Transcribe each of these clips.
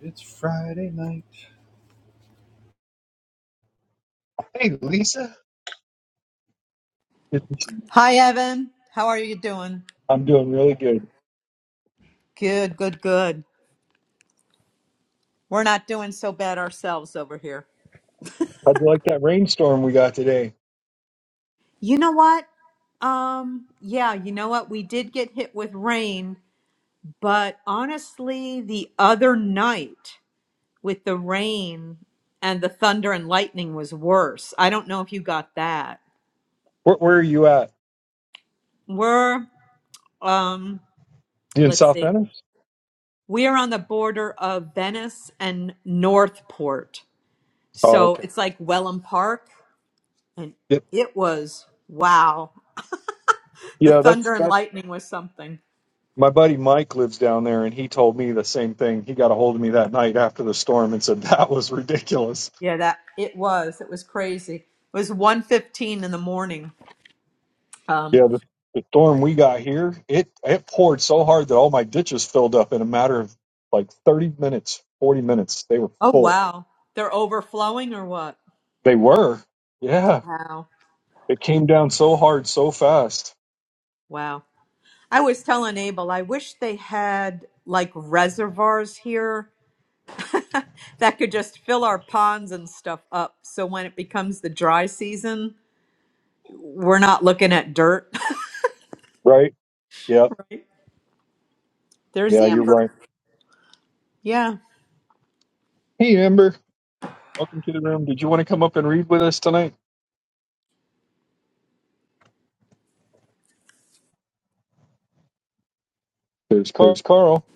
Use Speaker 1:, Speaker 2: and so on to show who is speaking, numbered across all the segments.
Speaker 1: It's Friday night. Hey, Lisa. It-
Speaker 2: Hi, Evan. How are you doing?
Speaker 1: I'm doing really good.
Speaker 2: Good, good, good. We're not doing so bad ourselves over here.
Speaker 1: How'd you like that rainstorm we got today?
Speaker 2: You know what? Um, yeah, you know what? We did get hit with rain, but honestly, the other night with the rain and the thunder and lightning was worse. I don't know if you got that.
Speaker 1: Where, where are you at?
Speaker 2: We're, um,
Speaker 1: You in
Speaker 2: let's
Speaker 1: South
Speaker 2: see.
Speaker 1: Venice?
Speaker 2: We are on the border of Venice and Northport.
Speaker 1: Oh,
Speaker 2: So
Speaker 1: okay.
Speaker 2: it's like Welland Park. and
Speaker 1: Yep.
Speaker 2: it was wow. The
Speaker 1: Yeah, that's
Speaker 2: thunder and
Speaker 1: that.
Speaker 2: lightning was something.
Speaker 1: My buddy Mike lives down there, and he told me the same thing. He got a hold of me that night after the storm and said that was ridiculous.
Speaker 2: Yeah, that it was. It was crazy. It was 1:15 in the morning. Um,
Speaker 1: Yeah, the, the storm we got here, it it poured so hard that all my ditches filled up in a matter of like 30 minutes, 40 minutes. They were
Speaker 2: oh
Speaker 1: full.
Speaker 2: wow. They're overflowing or what?
Speaker 1: They were. Yeah,
Speaker 2: Wow.
Speaker 1: it came down so hard, so fast.
Speaker 2: Wow. I was telling Abel, I wish they had like reservoirs here that could just fill our ponds and stuff up so when it becomes the dry season, we're not looking at dirt.
Speaker 1: Right? Yeah.
Speaker 2: Right. There's
Speaker 1: Yeah, you're
Speaker 2: Amber.
Speaker 1: right.
Speaker 2: Yeah.
Speaker 1: Hey, Amber. Welcome to the room. Did you want to come up and read with us tonight? There's Carl.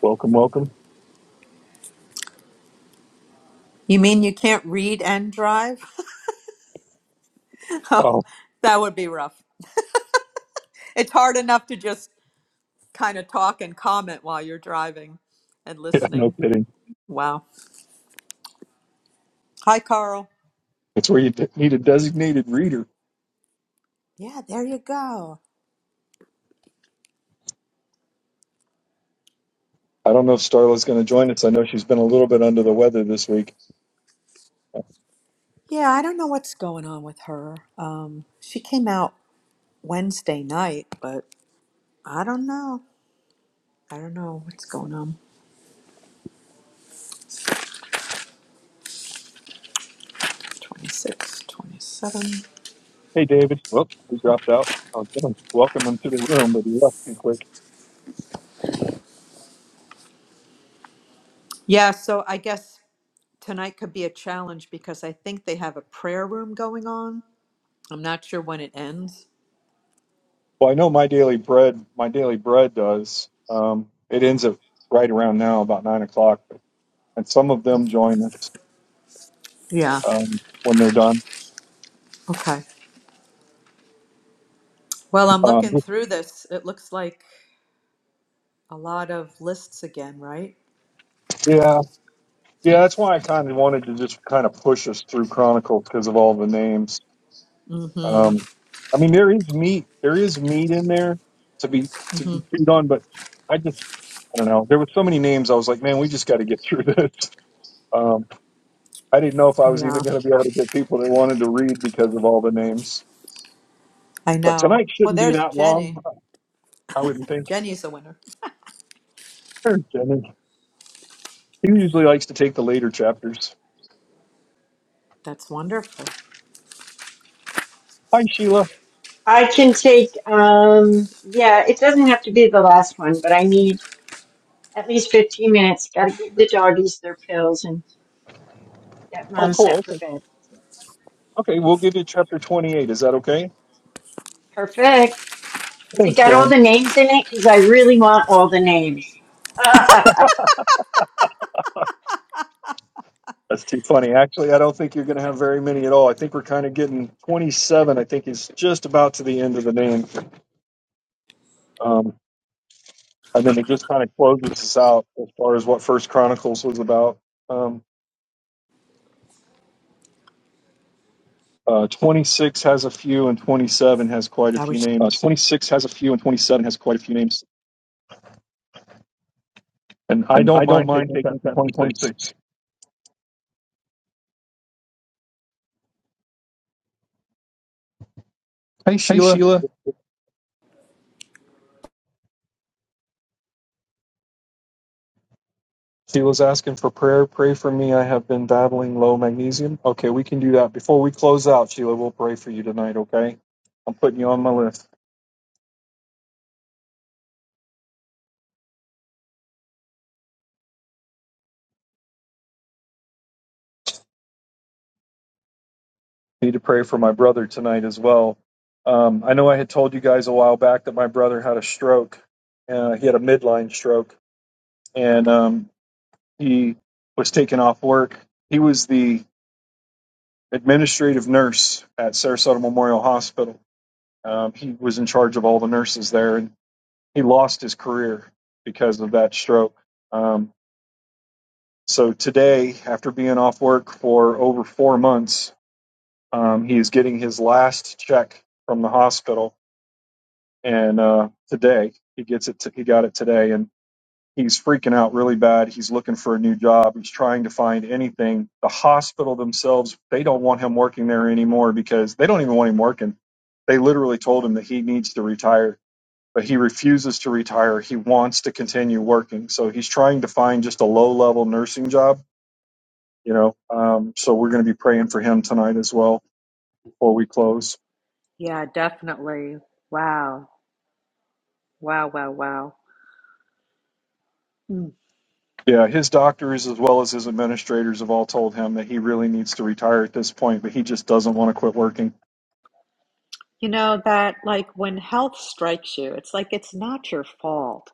Speaker 1: Welcome, welcome.
Speaker 2: You mean you can't read and drive? that
Speaker 1: Oh,
Speaker 2: would be rough. It's hard enough to just kind of talk and comment while you're driving and
Speaker 1: yeah, no
Speaker 2: listening.
Speaker 1: kidding.
Speaker 2: Wow. Hi, Carl.
Speaker 1: It's where you de- need a designated reader.
Speaker 2: Yeah, there you go.
Speaker 1: I don't know if Starla's going to join us. I know she's been a little bit under the weather this week.
Speaker 2: Yeah, I don't know what's going on with her. Um, she came out Wednesday night, but I don't know. I don't know what's going on. 26, 27.
Speaker 1: Hey, David. Whoops, he dropped out. I was going to welcome him to the room, but he left too quick.
Speaker 2: Yeah, so I guess tonight could be a challenge because I think they have a prayer room going on. I'm not sure when it ends.
Speaker 1: Well, I know my daily bread, my daily bread does. Um, it ends at right around now, about nine o'clock, and some of them join us
Speaker 2: Yeah,
Speaker 1: um, when they're done.
Speaker 2: okay. Well, I'm
Speaker 1: Um,
Speaker 2: looking through this. It looks like a lot of lists again, right?
Speaker 1: yeah, Yeah, that's why I kind of wanted to just kind of push us through Chronicles because of all the names.
Speaker 2: Mm-hmm.
Speaker 1: Um, I mean, there is meat, there is meat in there to be to be chewed on, but I just I don't know. There were so many names. I was like, man, we just got to get through this. Um, I didn't know if I was
Speaker 2: Yeah,
Speaker 1: even going to be able to get people that wanted to read because of all the names.
Speaker 2: I
Speaker 1: But
Speaker 2: know.
Speaker 1: tonight
Speaker 2: Well,
Speaker 1: shouldn't be
Speaker 2: there's
Speaker 1: that long,
Speaker 2: Jenny.
Speaker 1: I wouldn't think.
Speaker 2: Jenny's a winner.
Speaker 1: Sure, Jenny. He usually likes to take the later chapters.
Speaker 2: That's wonderful.
Speaker 1: Hi, Sheila.
Speaker 3: I can take, um, yeah, it doesn't have to be the last one, but I need at least 15 minutes. Got to give the doggies their pills and get
Speaker 1: Oh,
Speaker 3: mom
Speaker 1: cool.
Speaker 3: set for
Speaker 1: Okay,
Speaker 3: bed.
Speaker 1: okay, we'll give you chapter twenty-eight. Is that okay?
Speaker 3: Perfect. Has it
Speaker 1: Thanks,
Speaker 3: got all
Speaker 1: Jenny.
Speaker 3: the names in it? Because I really want all the names. well,
Speaker 1: That's too funny. Actually, I don't think you're going to have very many at all. I think we're kind of getting 27. I think is just about to the end of the name, um, and then it just kind of closes us out as far as what First Chronicles was about. Um, uh, 26 has a few, and 27 has quite a
Speaker 2: I
Speaker 1: few
Speaker 2: wish. Uh,
Speaker 1: names.
Speaker 2: 26 has a few, and 27 has quite a few names.
Speaker 1: And I
Speaker 2: And
Speaker 1: don't
Speaker 2: I don't
Speaker 1: mind
Speaker 2: mind
Speaker 1: taking
Speaker 2: taking
Speaker 1: chapter
Speaker 2: that through
Speaker 1: 26.
Speaker 2: 26.
Speaker 1: Hey,
Speaker 2: Hey,
Speaker 1: Sheila.
Speaker 2: Sheila.
Speaker 1: Sheila's asking for prayer. Pray for me. I have been battling low magnesium. Okay, we can do that before we close out. Sheila, we'll pray for you tonight. Okay, I'm putting you on my list. need to pray for my brother tonight as well. Um, I know I had told you guys a while back that my brother had a stroke. Uh, he had a midline stroke, and um, he was taken off work. He was the administrative nurse at Sarasota Memorial Hospital. Um, he was in charge of all the nurses there, and he lost his career because of that stroke. Um, so today, after being off work for over four months, um, he is getting his last check from the hospital and uh, today he gets it. T- he got it today, and he's freaking out really bad. He's looking for a new job. He's trying to find anything. The hospital themselves they don't want him working there anymore because they don't even want him working. They literally told him that he needs to retire, but he refuses to retire. He wants to continue working, so he's trying to find just a low level nursing job. You know, um, so we're going to be praying for him tonight as well before we close.
Speaker 2: Yeah, definitely. Wow. Wow, wow, wow. Mm.
Speaker 1: Yeah, his doctors as well as his administrators have all told him that he really needs to retire at this point, but he just doesn't want to quit working.
Speaker 2: You know, that like when health strikes you, it's like it's not your fault.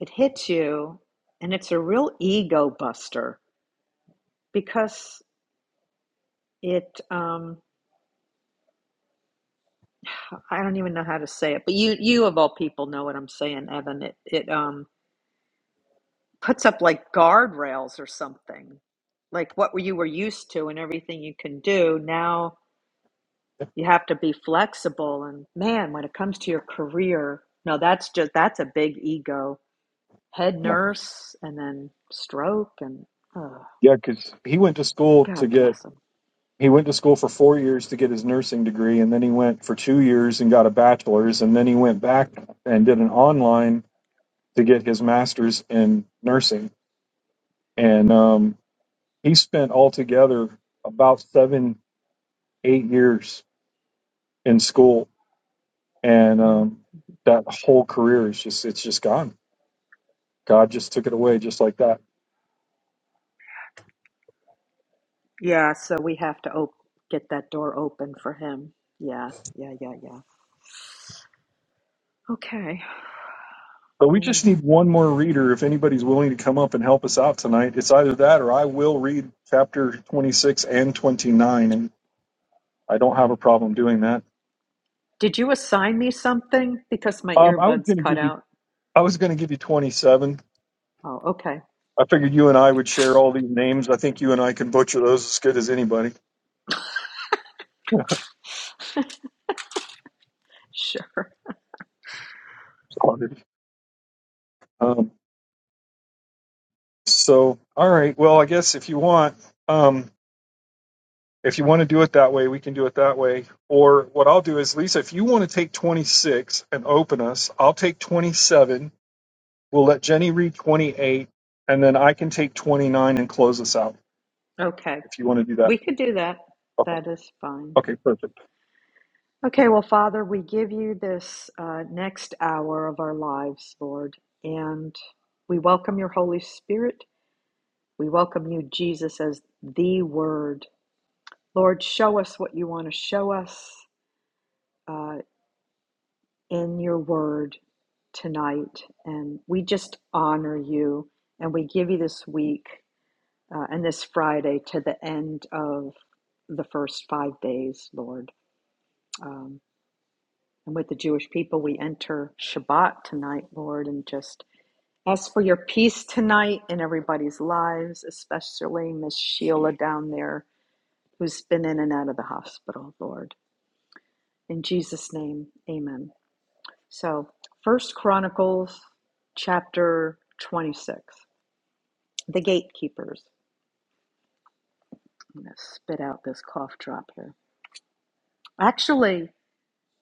Speaker 2: It hits you, and it's a real ego buster because it. Um, I don't even know how to say it, but you, you of all people, know what I'm saying, Evan. It, it um, puts up like guardrails or something, like what you were used to and everything you can do. Now you have to be flexible, and man, when it comes to your career, no, that's just that's a big ego. Head
Speaker 1: Yeah,
Speaker 2: nurse, and then stroke, and oh,
Speaker 1: yeah, because he went to school
Speaker 2: God
Speaker 1: to get
Speaker 2: bless them.
Speaker 1: he went to school for four years to get his nursing degree, and then he went for two years and got a bachelor's, and then he went back and did an online to get his master's in nursing, and um, he spent altogether about seven eight years in school, and um, that whole career is just it's just gone God just took it away just like that.
Speaker 2: Yeah, so we have to op- get that door open for him. Yeah, yeah, yeah, yeah. Okay,
Speaker 1: But we just
Speaker 2: man.
Speaker 1: need one more reader. If anybody's willing to come up and help us out tonight, it's either that or I will read chapter 26 and 29, and I don't have a problem doing that.
Speaker 2: Did you assign me something? Because my
Speaker 1: Um, I was
Speaker 2: earbuds
Speaker 1: going to
Speaker 2: cut
Speaker 1: give you,
Speaker 2: out.
Speaker 1: I was going to give you 27.
Speaker 2: Oh, okay.
Speaker 1: I figured you and I would share all these names. I think you and I can butcher those as good as anybody.
Speaker 2: Sure.
Speaker 1: Sorry. Um, so, all right. Well, I guess if you want, um, If you want to do it that way, we can do it that way. Or what I'll do is, Lisa, if you want to take 26 and open us, I'll take 27. We'll let Jenny read 28, and then I can take 29 and close us out
Speaker 2: Okay.
Speaker 1: if you want to do that.
Speaker 2: We could do that.
Speaker 1: Okay,
Speaker 2: That is fine.
Speaker 1: okay perfect.
Speaker 2: Okay, well, Father, we give you this uh, next hour of our lives, Lord, and we welcome your Holy Spirit. We welcome you, Jesus, as the Word. Lord, show us what you want to show us. Uh. in your word tonight. And we just honor you and we give you this week uh, and this Friday to the end of the first five days, Lord. Um, and with the Jewish people, we enter Shabbat tonight, Lord, and just ask for your peace tonight in everybody's lives, especially Miss Sheila down there who's been in and out of the hospital, Lord. In Jesus' name, amen. So, First Chronicles chapter 26, the gatekeepers. I'm going to spit out this cough drop here. Actually,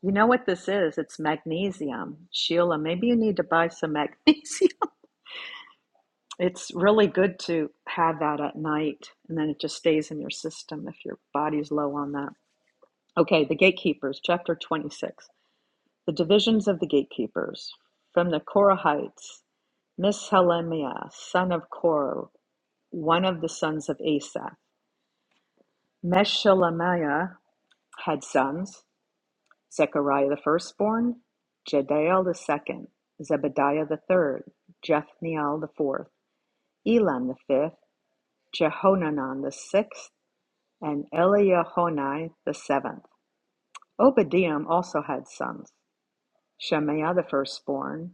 Speaker 2: you know what this is? It's magnesium. Sheila, maybe you need to buy some magnesium. It's really good to have that at night, and then it just stays in your system if your body's low on that. Okay, the gatekeepers, chapter 26. The divisions of the gatekeepers. From the Korahites, Mishelemiah, son of Korah, one of the sons of Asa. Meshelemiah had sons Zechariah the firstborn, Jediel the second, Zebediah the third, Jethniel the fourth, Elam the fifth, Jehonanan the sixth, and Eliahonai the seventh. Obadiah also had sons Shemaiah the firstborn,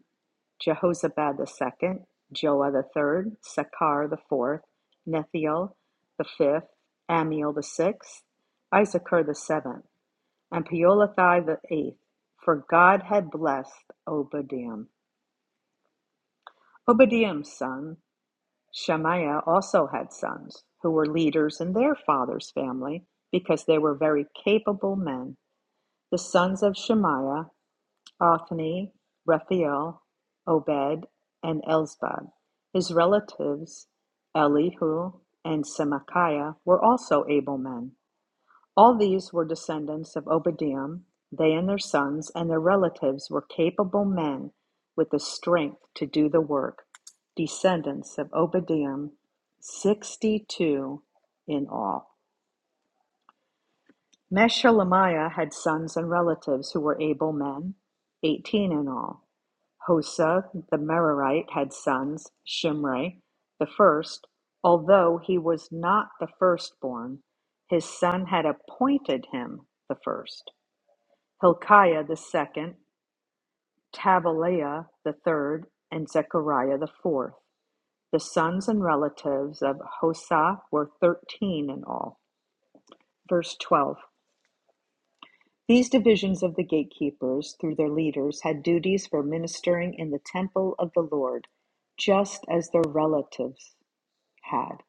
Speaker 2: Jehozabad the second, Joah the third, Sakkar the fourth, Nethiel the fifth, Amiel the sixth, Issachar the seventh, and Peolathai the eighth, for God had blessed Obadiah. Obadiah's son, Shemaiah, also had sons who were leaders in their father's family because they were very capable men. The sons of Shemaiah Othni, Raphael, Obed and Elzabad; his relatives Elihu and Semachiah were also able men. All these were descendants of Obadiah; they and their sons and their relatives were capable men with the strength to do the work, descendants of Obadiah, 62 in all. Meshelemiah had sons and relatives who were able men, 18 in all. Hosa the Merarite had sons, Shimri the first; although he was not the firstborn, his son had appointed him the first; Hilkiah the second, Tabaliah the third, and Zechariah the fourth. The sons and relatives of Hosa were thirteen in all. Verse 12. These divisions of the gatekeepers, through their leaders, had duties for ministering in the temple of the Lord, just as their relatives had.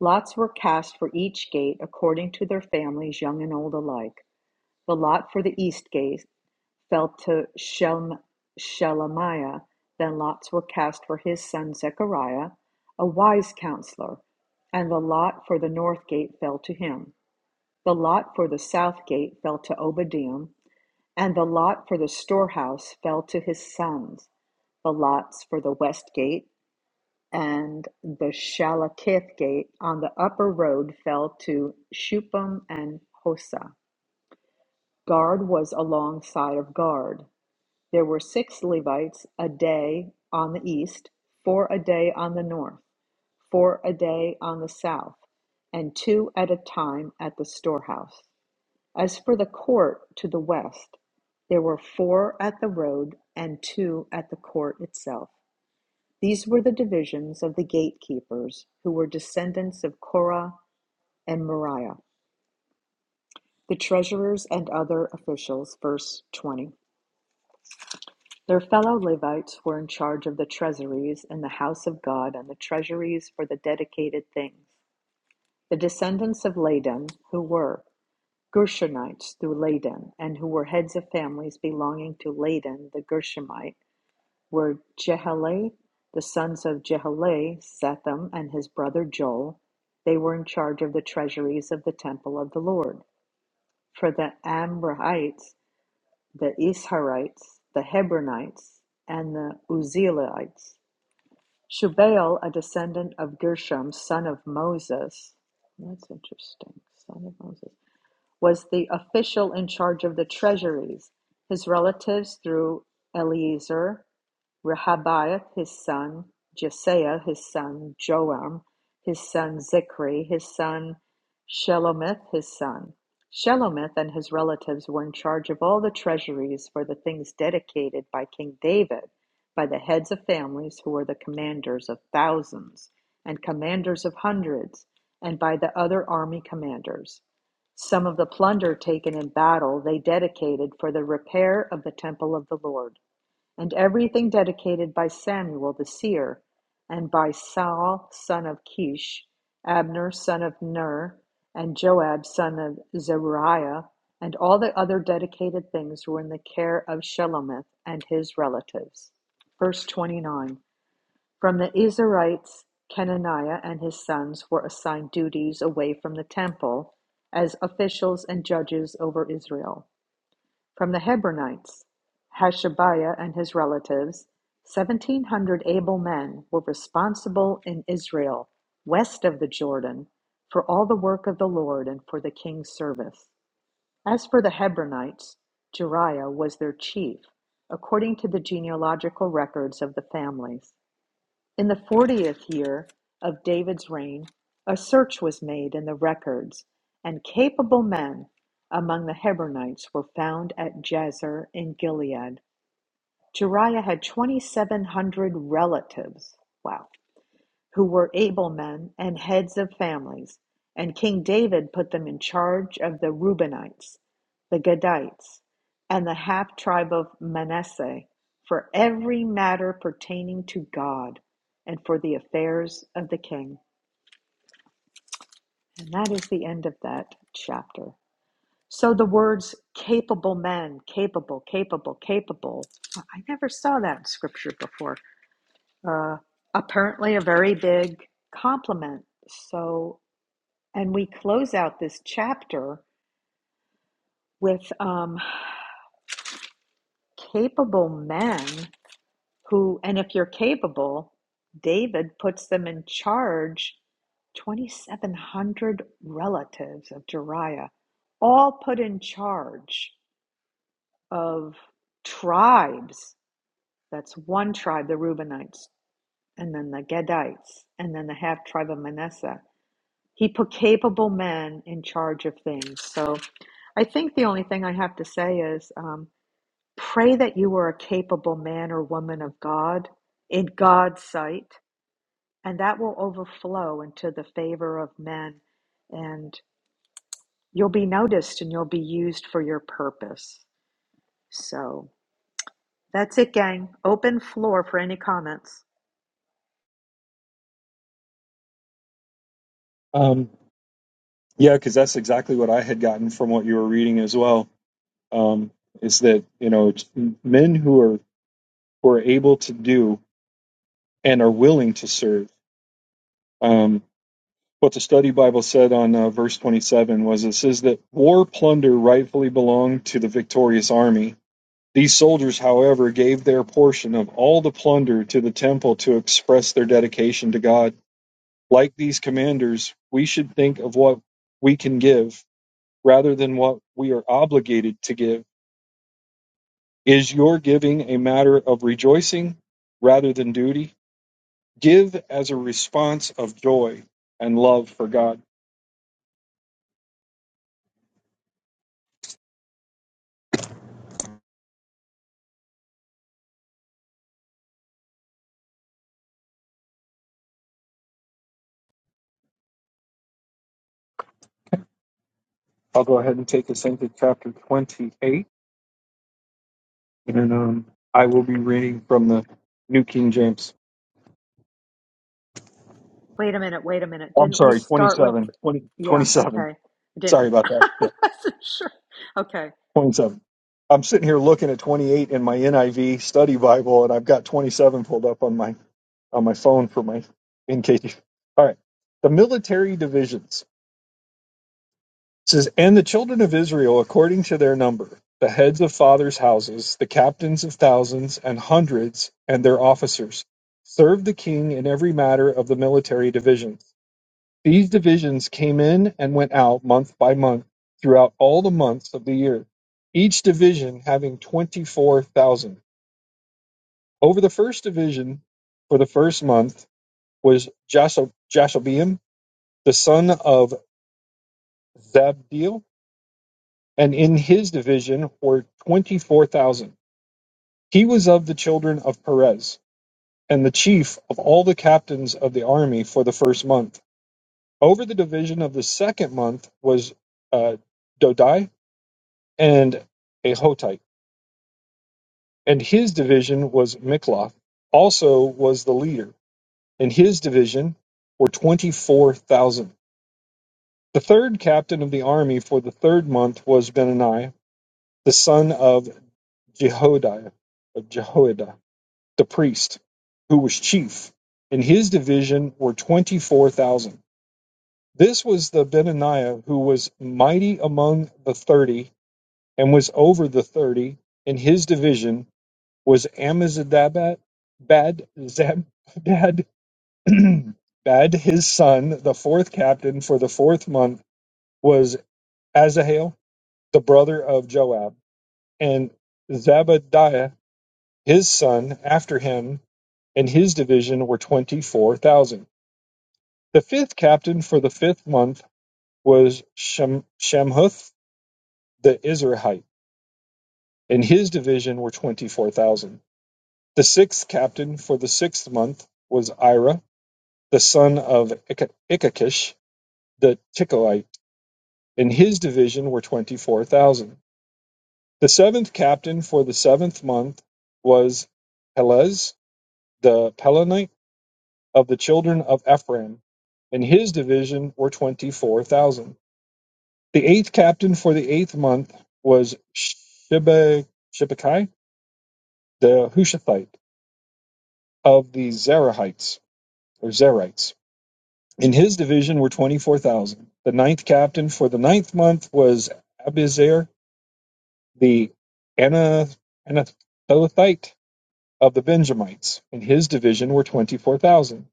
Speaker 2: Lots were cast for each gate according to their families, young and old alike. The lot for the east gate fell to Shelm- Shelemiah. Then lots were cast for his son Zechariah, a wise counselor, and the lot for the north gate fell to him. The lot for the south gate fell to Obadiah. And the lot for the storehouse fell to his sons, the lots for the west gate and the Shalakith gate on the upper road fell to Shupam and Hosa. Guard was alongside of Guard. There were six Levites a day on the east, four a day on the north, four a day on the south, and two at a time at the storehouse. As for the court to the west, there were four at the road and two at the court itself. These were the divisions of the gatekeepers, who were descendants of Korah and Moriah, the treasurers and other officials. Verse 20. Their fellow Levites were in charge of the treasuries in the house of God and the treasuries for the dedicated things. The descendants of Ladan, who were Gershonites through Ladan, and who were heads of families belonging to Ladan the Gershonite, were Jehalelel, the sons of Jehalelel, Setham, and his brother Joel. They were in charge of the treasuries of the temple of the Lord. For the Amrahites, the Isharites, the Hebronites, and the Uzzielites. Shubael, a descendant of Gershom, son of Moses. That's interesting. Son of Moses was the official in charge of the treasuries, his relatives through Eleazar. Rehabiah his son, Jesaiah his son, Joram his son, Zichri his son, Shelomith his son. Shelomith and his relatives were in charge of all the treasuries for the things dedicated by King David by the heads of families who were the commanders of thousands and commanders of hundreds and by the other army commanders. Some of the plunder taken in battle they dedicated for the repair of the temple of the Lord and everything dedicated by Samuel the seer, and by Saul son of Kish, Abner son of Ner, and Joab son of Zeruiah, and all the other dedicated things were in the care of Shelomith and his relatives. Verse 29 From the Israelites, Kenaniah and his sons were assigned duties away from the temple as officials and judges over Israel. From the Hebronites, Hashabiah and his relatives, 1,700 able men were responsible in Israel, west of the Jordan, for all the work of the Lord and for the king's service. As for the Hebronites, Jeriah was their chief, according to the genealogical records of the families. In the fortieth year of David's reign, a search was made in the records, and capable men among the Hebronites were found at Jazer in Gilead. Jeriah had 2,700 relatives. Wow who were able men and heads of families, and King David put them in charge of the Reubenites, the Gadites, and the half tribe of Manasseh for every matter pertaining to God and for the affairs of the king. And that is the end of that chapter. So the words capable men, capable, capable, capable, well, I never saw that in scripture before. Uh, apparently, a very big compliment. So And we close out this chapter with um, capable men who, and if you're capable, David puts them in charge 2,700 relatives of Jeriah, all put in charge of tribes. That's one tribe, the Reubenites, and then the Gadites, and then the half tribe of Manasseh. He put capable men in charge of things. So I think the only thing I have to say is. Um, Pray that you are a capable man or woman of God in God's sight, and that will overflow into the favor of men, and you'll be noticed and you'll be used for your purpose. So that's it, gang. Open floor for any comments.
Speaker 1: Um, yeah, because that's exactly what I had gotten from what you were reading as well. Um, is that you know it's men who are who are able to do and are willing to serve. Um, what the study Bible said on uh, verse 27 was it says that war plunder rightfully belonged to the victorious army. These soldiers, however, gave their portion of all the plunder to the temple to express their dedication to God. Like these commanders, we should think of what we can give rather than what we are obligated to give. Is your giving a matter of rejoicing rather than duty? Give as a response of joy and love for God. I'll go ahead and take us into chapter 28, and um, I will be reading from the New King James.
Speaker 2: Wait a minute, wait a minute.
Speaker 1: I'm
Speaker 2: Didn't we
Speaker 1: sorry,
Speaker 2: start with?
Speaker 1: 27. 20,
Speaker 2: Yeah,
Speaker 1: twenty-seven.
Speaker 2: okay. I
Speaker 1: Sorry
Speaker 2: didn't.
Speaker 1: about that.
Speaker 2: I
Speaker 1: Yeah,
Speaker 2: wasn't sure. Okay.
Speaker 1: 27. I'm sitting here looking at 28 in my NIV study Bible, and I've got 27 pulled up on my on my phone for my in case. All right, the military divisions. It says, And the children of Israel according to their number, the heads of fathers' houses, the captains of thousands and hundreds, and their officers, served the king in every matter of the military divisions. These divisions came in and went out month by month throughout all the months of the year, each division having 24,000. Over the first division for the first month was Jashobeam, the son of Zabdiel, and in his division were 24,000. He was of the children of Perez, and the chief of all the captains of the army for the first month. Over the division of the second month was uh, Dodai and Ahotite, and his division was Mikloth, also was the leader, and his division were 24,000. The third captain of the army for the third month was Benaniah, the son of Jehoiada, of Jehoiada The priest, who was chief, in his division were 24,000. This was the Benaniah who was mighty among the 30 and was over the 30. In his division was Amizadabat, Bad, Zabad, Bad, Bad, his son, the fourth captain for the fourth month was Azahel, the brother of Joab, and Zabadiah His son after him and his division were 24,000. The fifth captain for the fifth month was Shem- Shamhuth the Izrahite, and his division were 24,000. The sixth captain for the sixth month was Ira, the son of Ik- Ikakish the Ticoite, and his division were 24,000. The seventh captain for the seventh month was Pelez the Pelonite of the children of Ephraim, and his division were twenty-four thousand. The eighth captain for the eighth month was Shibbe- Shibbekai, the Hushathite of the Zerahites or Zerites. In his division were twenty-four thousand. The ninth captain for the ninth month was Abizer, the Anathothite of the Benjamites. In his division were twenty-four thousand.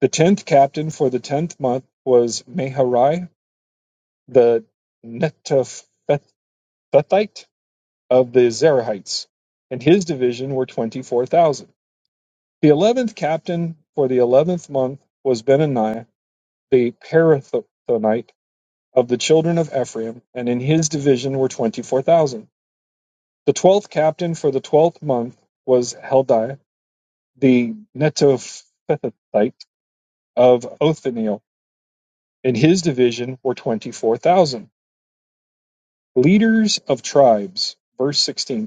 Speaker 1: The tenth captain for the tenth month was Meharai the Netophathite of the Zerahites, and his division were 24,000. The eleventh captain for the eleventh month was Benaniah, the Parathonite of the children of Ephraim, and in his division were 24,000. The twelfth captain for the twelfth month was Heldiah, the Netophathite of Othniel, and his division were 24,000. Leaders of tribes, verse 16.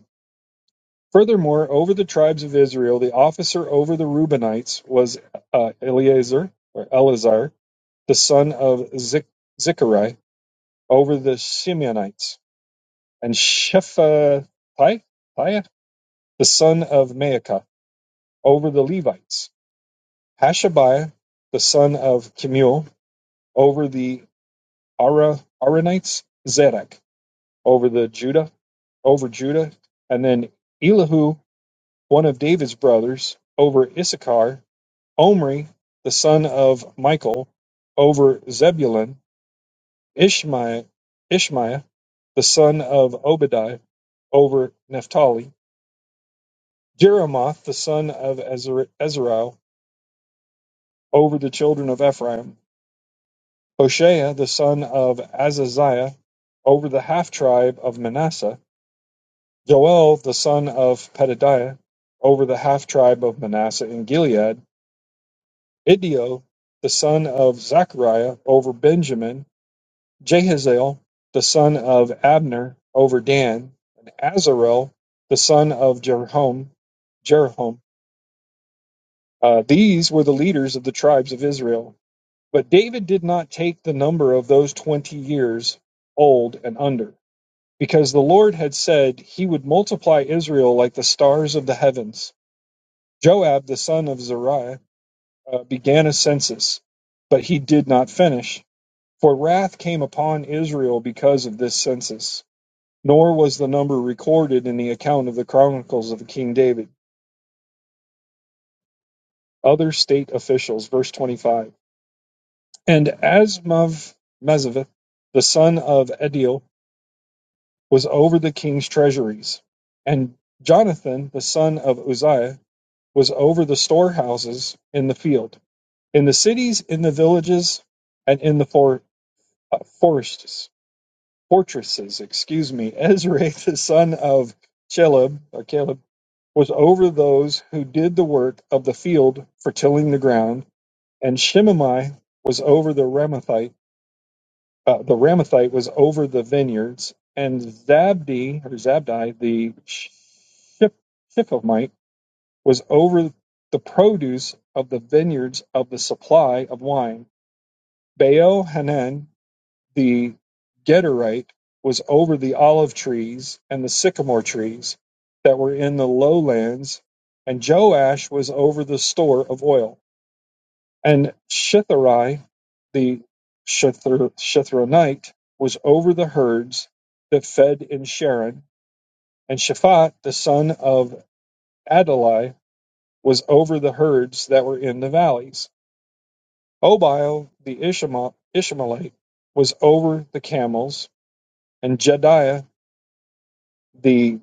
Speaker 1: Furthermore, over the tribes of Israel, the officer over the Reubenites was uh, Eleazar or Eleazar, the son of Zik- Zichari, over the Simeonites, and Shephatiah, the son of Maacah, over the Levites. Hashabiah, the son of Kemuel, over the Ara- Aranites. Zedek, over the Judah, over Judah, and then Elihu, one of David's brothers, over Issachar, Omri, the son of Michal, over Zebulun; Ishmaiah, Ishmaiah, the son of Obadiah, over Naphtali; Jeremoth, the son of Ezra- over the children of Ephraim; Hoshea, the son of Azaziah, over the half tribe of Manasseh; Joel, the son of Petadiah, over the half tribe of Manasseh in Gilead; Idio, the son of Zechariah, over Benjamin Jehaziel the son of Abner over Dan, and Azarel the son of Jeroham. Jeroham. Uh, these were the leaders of the tribes of Israel. But David did not take the number of those twenty years old and under, because the Lord had said he would multiply Israel like the stars of the heavens. Joab the son of Zeruiah uh, began a census, but he did not finish, for wrath came upon Israel because of this census. Nor was the number recorded in the account of the Chronicles of King David. Other state officials, verse 25. And Asmav Mezavith, the son of Ediel, was over the king's treasuries. And Jonathan, the son of Uzziah, was over the storehouses in the field, in the cities, in the villages, and in the for, uh, forests, fortresses. Excuse me. Ezra, the son of Chelub, or Caleb, was over those who did the work of the field for tilling the ground, and Shimei was over the Ramathite. Uh, the Ramathite was over the vineyards, and Zabdi or Zabdi the Ship, Shiphomite was over the produce of the vineyards of the supply of wine. Baal Hanan the Gederite was over the olive trees and the sycamore trees that were in the lowlands, and Joash was over the store of oil. And Shitharai, the Shithar- Shithronite, was over the herds that fed in Sharon, and Shaphat, the son of Adalai, was over the herds that were in the valleys. Obile, the Ishma- Ishmaelite, was over the camels, and Jediah The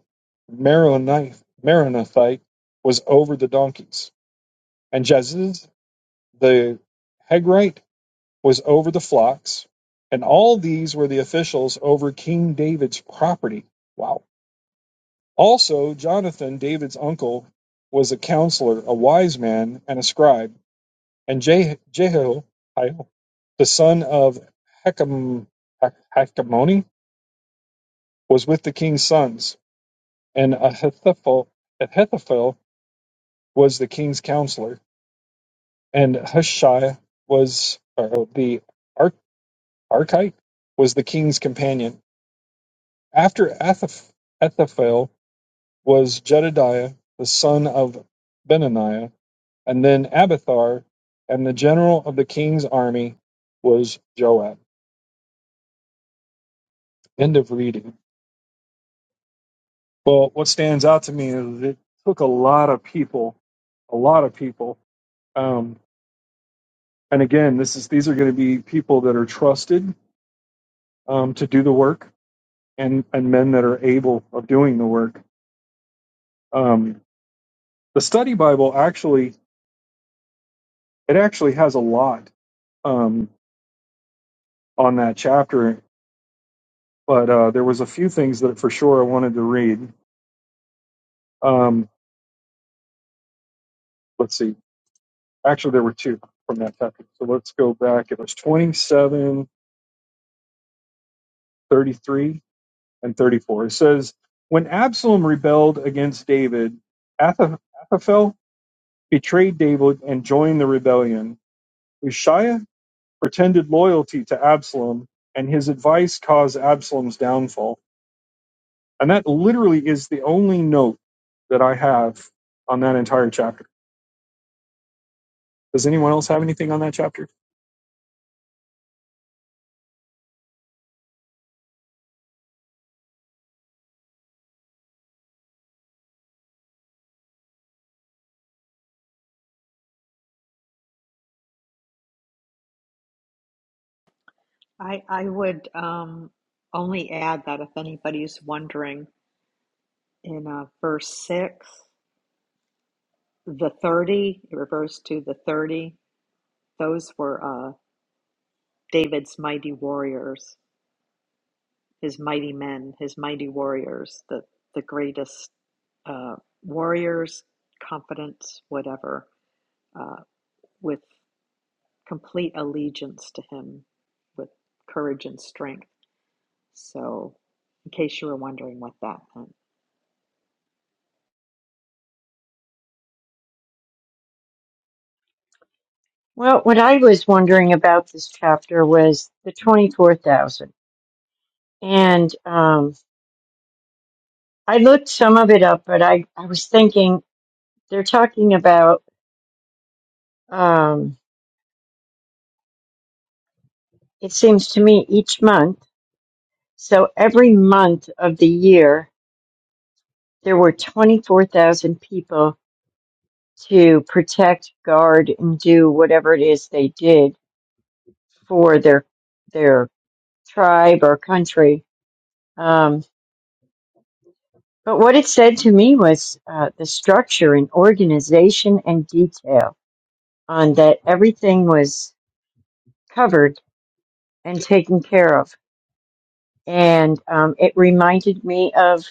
Speaker 1: Meronothite was over the donkeys, and Jaziz the Hagrite was over the flocks, and all these were the officials over King David's property. Wow. Also, Jonathan, David's uncle, was a counselor, a wise man, and a scribe, and Je- Jehiel, the son of Hecam, was with the king's sons, and Ahithophel, Ahithophel was the king's counselor, and Hushai was or, oh, the Ar- Archite was the king's companion. After Athaph- Ethaphel was Jedediah, the son of Benaniah, and then Abathar, and the general of the king's army was Joab. End of reading. Well, what stands out to me is it took a lot of people, a lot of people. Um, and again, this is these are going to be people that are trusted um, to do the work and, and men that are able of doing the work. Um, the study Bible actually it actually has a lot um, on that chapter, but uh, there was a few things that for sure I wanted to read. Um, let's see. Actually, there were two from that chapter. So let's go back. It was twenty-seven, thirty-three, and 34. It says, When Absalom rebelled against David, Ath- Ahithophel betrayed David and joined the rebellion. Ushiah pretended loyalty to Absalom, and his advice caused Absalom's downfall. And that literally is the only note that I have on that entire chapter. Does anyone else have anything on that chapter?
Speaker 2: I, I would um, only add that if anybody's wondering in uh, verse 6. The 30, it refers to the 30. Those were uh, David's mighty warriors, his mighty men, his mighty warriors, the, the greatest uh, warriors, confidence, whatever, uh, with complete allegiance to him, with courage and strength. So, in case you were wondering what that meant.
Speaker 3: what I was wondering about this chapter was the 24,000. And um, I looked some of it up, but I, I was thinking they're talking about, um, it seems to me, each month. So every month of the year, there were 24,000 people to protect, guard, and do whatever it is they did for their their tribe or country. Um, but what it said to me was uh, the structure and organization and detail on that everything was covered and taken care of. And um, it reminded me of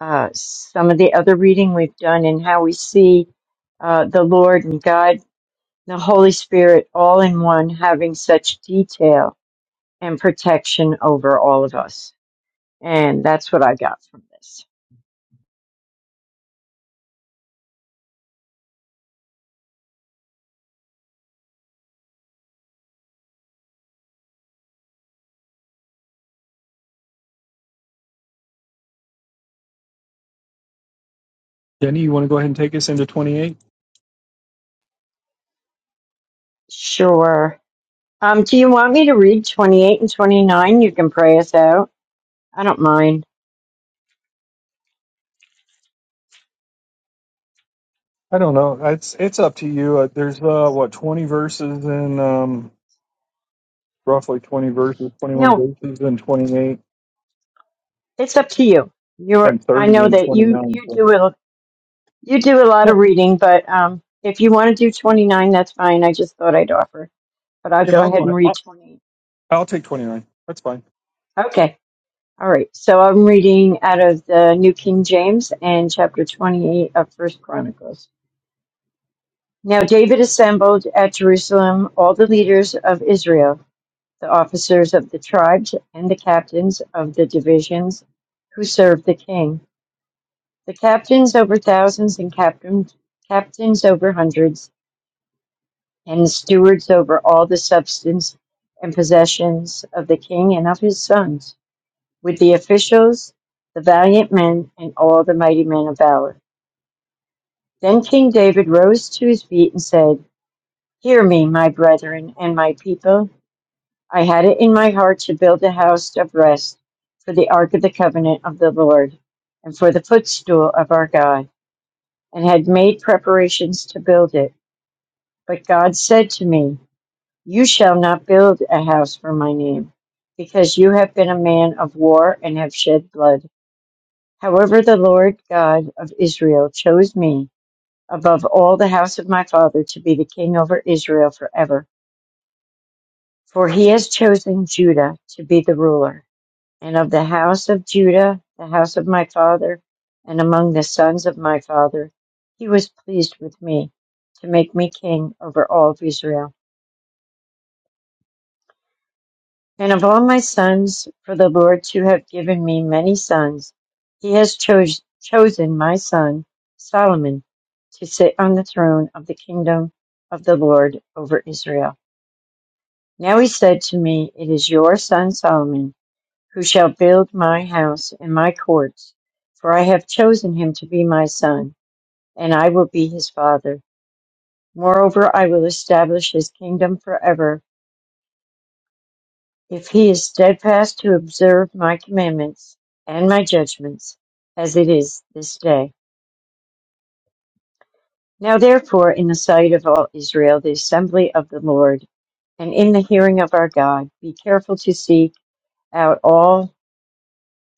Speaker 3: uh, some of the other reading we've done and how we see uh, the Lord and God, the Holy Spirit, all in one, having such detail and protection over all of us. And that's what I got from this.
Speaker 1: Jenny, you want to go ahead and take us into 28?
Speaker 3: Sure. Um, do you want me to read 28 and 29? You can pray us out. I don't mind.
Speaker 1: I don't know. It's it's up to you. Uh, there's uh what 20 verses in um roughly 20 verses, 21
Speaker 3: No,
Speaker 1: verses in 28
Speaker 3: it's up to you. You're,
Speaker 1: and
Speaker 3: I
Speaker 1: 30
Speaker 3: know
Speaker 1: and
Speaker 3: that you,
Speaker 1: 29.
Speaker 3: you do
Speaker 1: So,
Speaker 3: a, you do a lot
Speaker 1: no,
Speaker 3: of reading, but, um, if you want to do 29, that's fine. I just thought I'd offer. but I'll
Speaker 1: yeah,
Speaker 3: go
Speaker 1: I'll go
Speaker 3: ahead and
Speaker 1: ahead.
Speaker 3: read
Speaker 1: I'll,
Speaker 3: 28.
Speaker 1: I'll take 29. That's fine.
Speaker 3: Okay. All right. So I'm reading out of the New King James and chapter 28 of First Chronicles. Now David assembled at Jerusalem all the leaders of Israel, the officers of the tribes and the captains of the divisions who served the king, the captains over thousands and captains, captains over hundreds, and stewards over all the substance and possessions of the king and of his sons with the officials, the valiant men, and all the mighty men of valor. Then King David rose to his feet and said, Hear me, my brethren and my people. I had it in my heart to build a house of rest for the ark of the covenant of the Lord and for the footstool of our God, and had made preparations to build it. But God said to me, You shall not build a house for my name, because you have been a man of war and have shed blood. However the Lord God of Israel chose me above all the house of my father to be the king over Israel forever. For he has chosen Judah to be the ruler, and of the house of Judah, the house of my father, and among the sons of my father, he was pleased with me to make me king over all of Israel. And of all my sons, for the Lord to have given me many sons, he has chose, chosen my son Solomon to sit on the throne of the kingdom of the Lord over Israel. Now he said to me, It is your son Solomon who shall build my house and my courts, for I have chosen him to be my son, and I will be his father. Moreover, I will establish his kingdom forever If he is steadfast to observe my commandments and my judgments, as it is this day. Now therefore, in the sight of all Israel, the assembly of the Lord, and in the hearing of our God, be careful to seek out all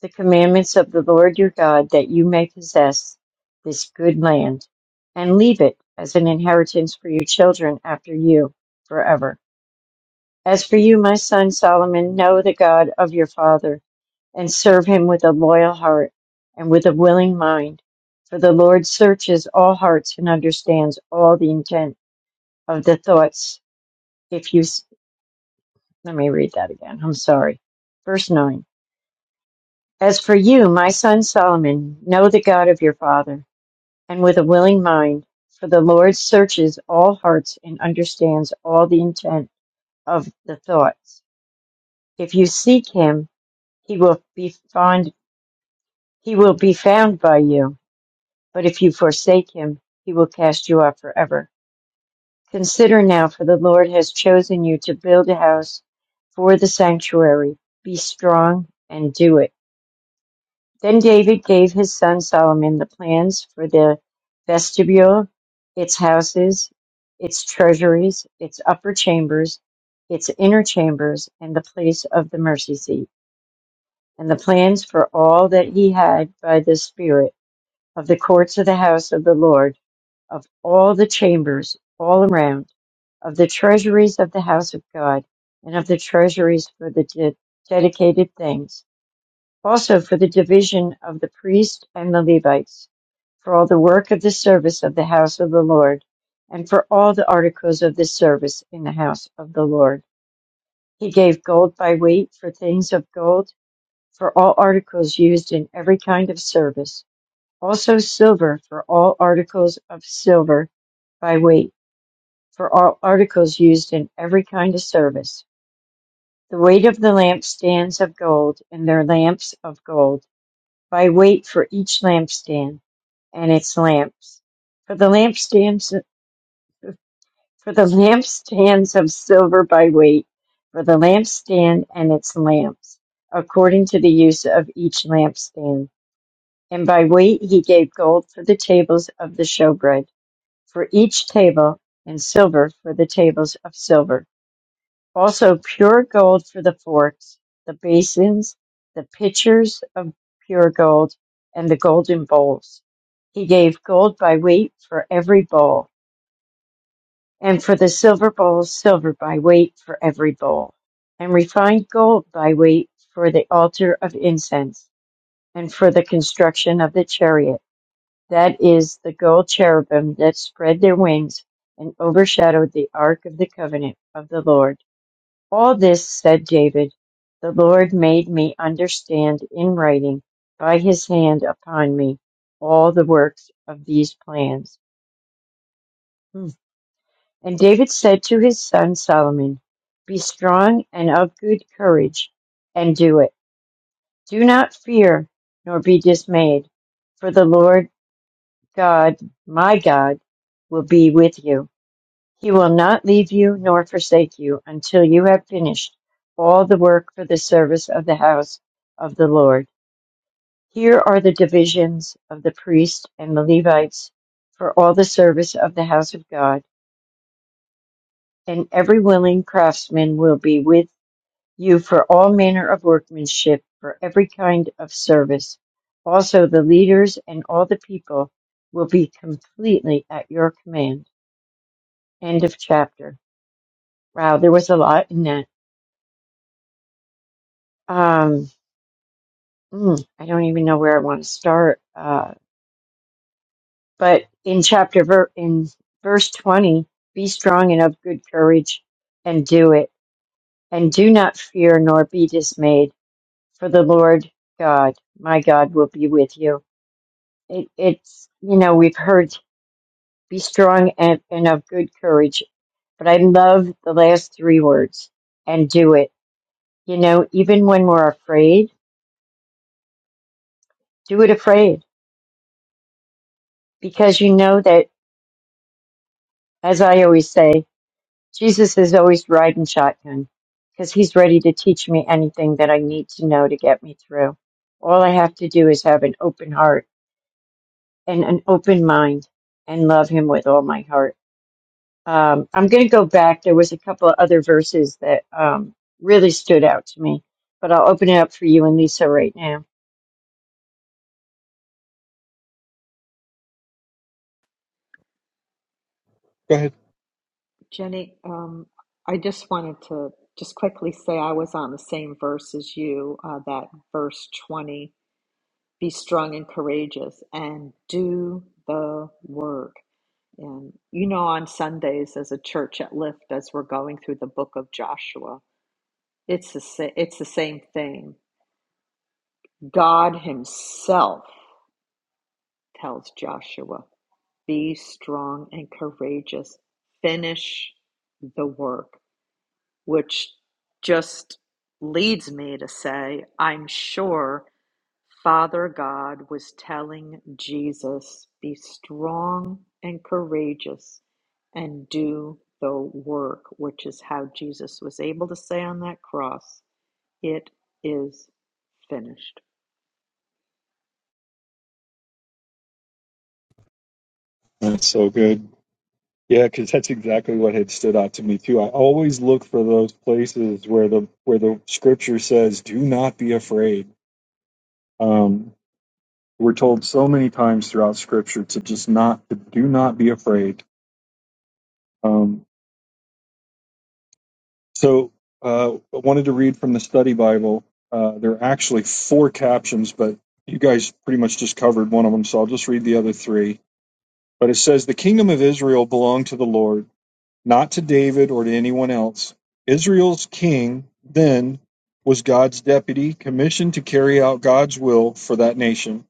Speaker 3: the commandments of the Lord your God, that you may possess this good land, and leave it as an inheritance for your children after you forever. As for you, my son Solomon, know the God of your father and serve him with a loyal heart and with a willing mind. For the Lord searches all hearts and understands all the intent of the thoughts. If you, s- let me read that again. I'm sorry. Verse 9. As for you, my son Solomon, know the God of your father, and with a willing mind, for the Lord searches all hearts and understands all the intent of the thoughts. If you seek him, he will be found, he will be found by you But if you forsake him, he will cast you off forever. Consider now, for the Lord has chosen you to build a house for the sanctuary. Be strong and do it. Then David gave his son Solomon the plans for the vestibule, its houses, its treasuries, its upper chambers, its inner chambers, and the place of the mercy seat, and the plans for all that he had by the Spirit of the courts of the house of the Lord, of all the chambers all around, of the treasuries of the house of God, and of the treasuries for the de- dedicated things, also for the division of the priests and the Levites, for all the work of the service of the house of the Lord, and for all the articles of the service in the house of the Lord. He gave gold by weight for things of gold, for all articles used in every kind of service also silver for all articles of silver by weight, for all articles used in every kind of service. The weight of the lampstands of gold, and their lamps of gold, by weight for each lampstand and its lamps. For the lampstands, for the lampstands of silver by weight, for the lampstand and its lamps, according to the use of each lampstand. And by weight he gave gold for the tables of the showbread for each table, and silver for the tables of silver. Also pure gold for the forks, the basins, the pitchers of pure gold, and the golden bowls. He gave gold by weight for every bowl, and for the silver bowls, silver by weight for every bowl, and refined gold by weight for the altar of incense, and for the construction of the chariot that is, the gold cherubim that spread their wings and overshadowed the ark of the covenant of the Lord. All this, said David, the Lord made me understand in writing by his hand upon me all the works of these plans. Hmm. And David said to his son Solomon, Be strong and of good courage, and do it. Do not fear, nor be dismayed, for the Lord God, my God, will be with you He will not leave you nor forsake you until you have finished all the work for the service of the house of the Lord. Here are the divisions of the priests and the Levites for all the service of the house of God, and every willing craftsman will be with you for all manner of workmanship, for every kind of service. Also, the leaders and all the people will be completely at your command. End of chapter. Wow, there was a lot in that. Um, Mm, I don't even know where I want to start. Uh, but in chapter ver- in verse 20, be strong and of good courage and do it. And do not fear nor be dismayed, for the Lord God, my God, will be with you. It, it's, you know, we've heard be strong and, and of good courage, but I love the last three words and do it. You know, even when we're afraid, do it afraid because you know that, as I always say, Jesus is always riding shotgun because he's ready to teach me anything that I need to know to get me through. All I have to do is have an open heart and an open mind and love him with all my heart. Um, I'm going to go back. There was a couple of other verses that um, really stood out to me, but I'll open it up for you and Lisa right now.
Speaker 1: Go ahead.
Speaker 2: Jenny, um, I just wanted to just quickly say I was on the same verse as you, uh, that verse 20 be strong and courageous and do the work. And you know, on Sundays as a church at Lift, as we're going through the book of Joshua, it's the, sa- it's the same thing. God Himself tells Joshua, be strong and courageous, finish the work, which just leads me to say, I'm sure Father God was telling Jesus, Be strong and courageous and do the work, which is how Jesus was able to say on that cross, It is finished.
Speaker 1: That's so good. Yeah, because that's exactly what had stood out to me too. I always look for those places where the where the scripture says, "Do not be afraid." Um, we're told so many times throughout scripture to just not to do not be afraid. Um, so uh, I wanted to read from the study Bible. Uh, there are actually four captions, but you guys pretty much just covered one of them, so I'll just read the other three. But it says, "The kingdom of Israel belonged to the Lord." not to David or to anyone else. Israel's king then was God's deputy, commissioned to carry out God's will for that nation.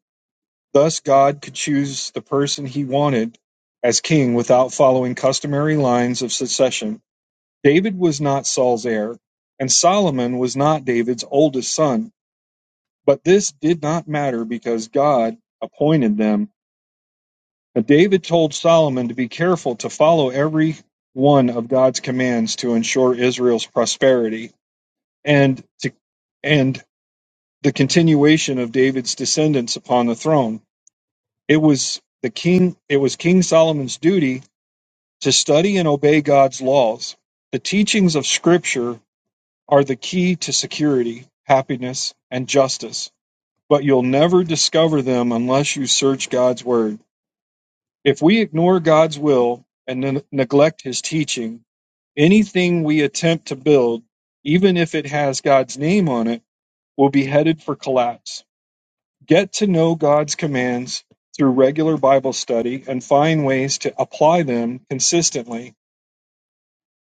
Speaker 1: Thus, God could choose the person he wanted as king without following customary lines of succession. David was not Saul's heir, and Solomon was not David's oldest son. But this did not matter because God appointed them but David told Solomon to be careful to follow every one of God's commands to ensure Israel's prosperity and to, and the continuation of David's descendants upon the throne. It was the king it was King Solomon's duty to study and obey God's laws. The teachings of scripture are the key to security, happiness, and justice, but you'll never discover them unless you search God's word. If we ignore God's will and ne- neglect His teaching, anything we attempt to build, even if it has God's name on it, will be headed for collapse. Get to know God's commands through regular Bible study and find ways to apply them consistently.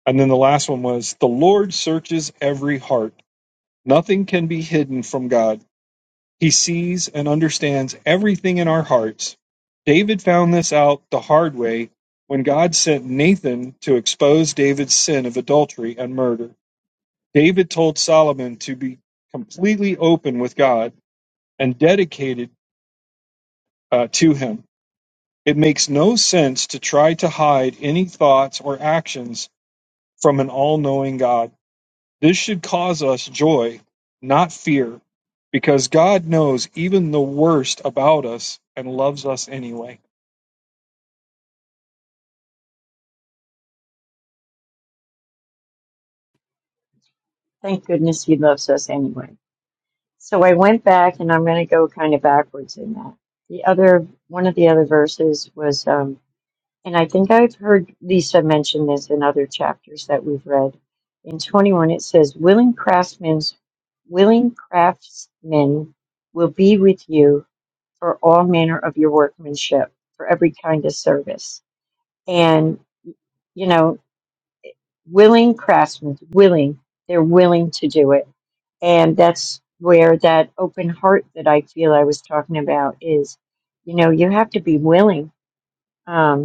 Speaker 1: And then the last one was the Lord searches every heart. Nothing can be hidden from God. He sees and understands everything in our hearts. David found this out the hard way when God sent Nathan to expose David's sin of adultery and murder. David told Solomon to be completely open with God and dedicated uh, to him. It makes no sense to try to hide any thoughts or actions from an all knowing God. This should cause us joy, not fear, because God knows even the worst about us and loves us anyway.
Speaker 3: Thank goodness he loves us anyway. So I went back and I'm going to go kind of backwards in that. The other, one of the other verses was, um, And I think I've heard Lisa mention this in other chapters that we've read. In 21, it says, Willing craftsmen, willing craftsmen will be with you for all manner of your workmanship, for every kind of service. And, you know, willing craftsmen, willing, they're willing to do it. And that's where that open heart that I feel I was talking about is, you know, you have to be willing. Um,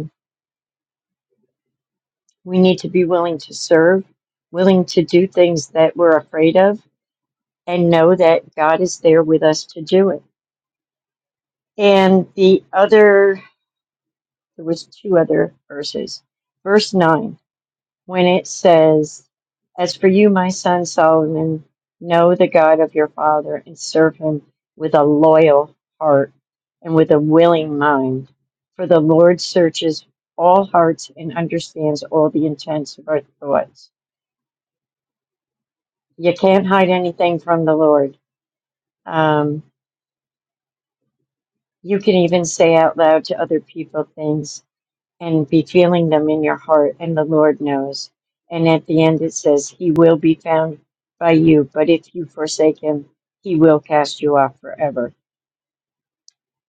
Speaker 3: We need to be willing to serve, willing to do things that we're afraid of, and know that God is there with us to do it. And the other, there was two other verses. Verse 9, when it says, As for you, my son Solomon, know the God of your father and serve him with a loyal heart and with a willing mind. For the Lord searches all hearts and understands all the intents of our thoughts. You can't hide anything from the Lord. Um, you can even say out loud to other people things and be feeling them in your heart, and the Lord knows. And at the end, it says, He will be found by you, but if you forsake Him, He will cast you off forever.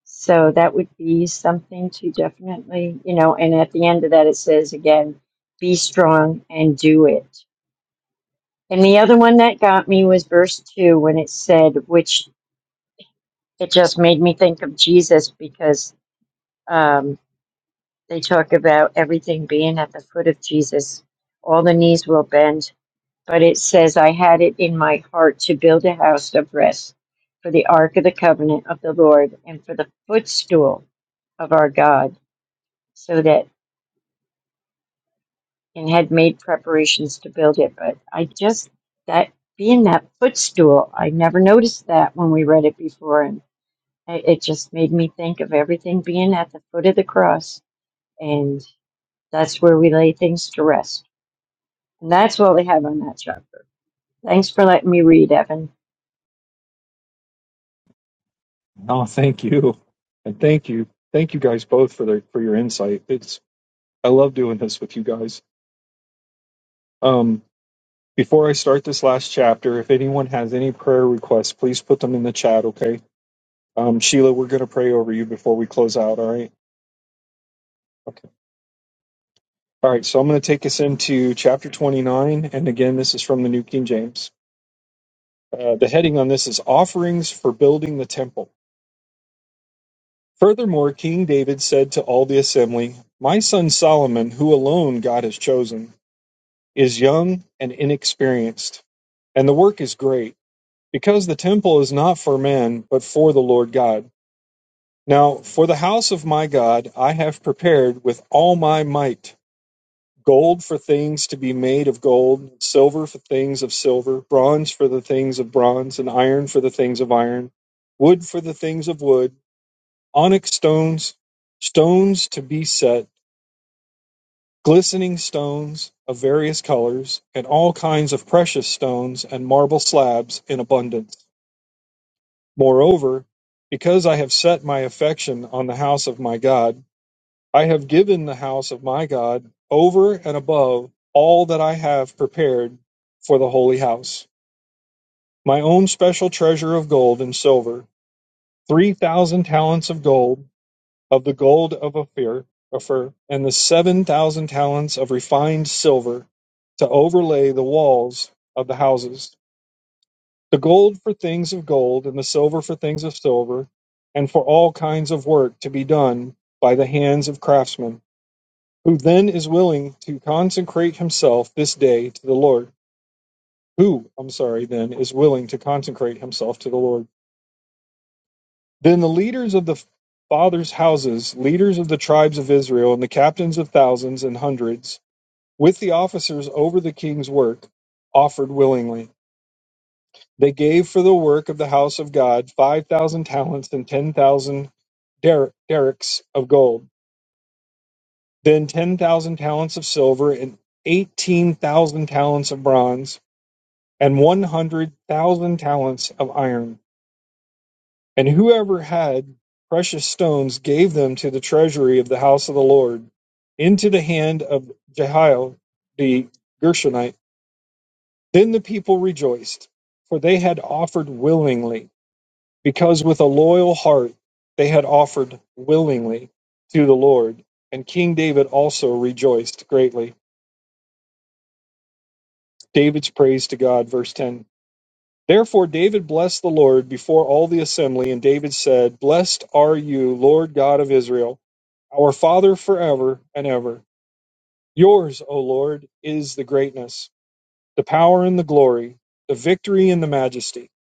Speaker 3: So that would be something to definitely, you know, and at the end of that, it says again, Be strong and do it. And the other one that got me was verse 2 when it said, Which it just made me think of Jesus because um, they talk about everything being at the foot of Jesus. All the knees will bend, but it says, I had it in my heart to build a house of rest for the ark of the covenant of the Lord and for the footstool of our God, so that and had made preparations to build it. But I just, that being that footstool, I never noticed that when we read it before. And it it just made me think of everything being at the foot of the cross. and that's where we lay things to rest. And that's what we have on that chapter. Thanks for letting me read, Evan.
Speaker 1: Oh, thank you. And thank you. Thank you guys both for the, for your insight. It's I love doing this with you guys. Um before I start this last chapter, if anyone has any prayer requests, please put them in the chat, okay? Um, Sheila, we're going to pray over you before we close out, all right? Okay. All right, so I'm going to take us into chapter 29. And again, this is from the New King James. Uh, the heading on this is Offerings for Building the Temple. Furthermore, King David said to all the assembly, My son Solomon, who alone God has chosen, is young and inexperienced, and the work is great, because the temple is not for men, but for the Lord God. Now, for the house of my God, I have prepared with all my might gold for things to be made of gold, silver for things of silver, bronze for the things of bronze, and iron for the things of iron, wood for the things of wood onyx stones, stones to be set, glistening stones of various colors, and all kinds of precious stones and marble slabs in abundance. Moreover, because I have set my affection on the house of my God, I have given the house of my God over and above all that I have prepared for the holy house. My own special treasure of gold and silver, 3,000 talents of gold of the gold of Ophir, Ophir and the seven thousand talents of refined silver to overlay the walls of the houses. The gold for things of gold, and the silver for things of silver, and for all kinds of work to be done by the hands of craftsmen. Who then is willing to consecrate himself this day to the Lord? Who, I'm sorry, then is willing to consecrate himself to the Lord? Then the leaders of the fathers' houses, leaders of the tribes of Israel, and the captains of thousands and hundreds, with the officers over the king's work, offered willingly. They gave for the work of the house of God 5,000 talents and 10,000 derricks of gold, then 10,000 talents of silver and 18,000 talents of bronze, and 100,000 talents of iron. And whoever had precious stones gave them to the treasury of the house of the Lord, into the hand of Jehiel the Gershonite. Then the people rejoiced, for they had offered willingly, because with a loyal heart they had offered willingly to the Lord. And King David also rejoiced greatly. David's praise to God, verse 10. Therefore David blessed the Lord before all the assembly, and David said, Blessed are you, Lord God of Israel, our Father forever and ever. Yours, O Lord, is the greatness, the power and the glory, the victory and the majesty.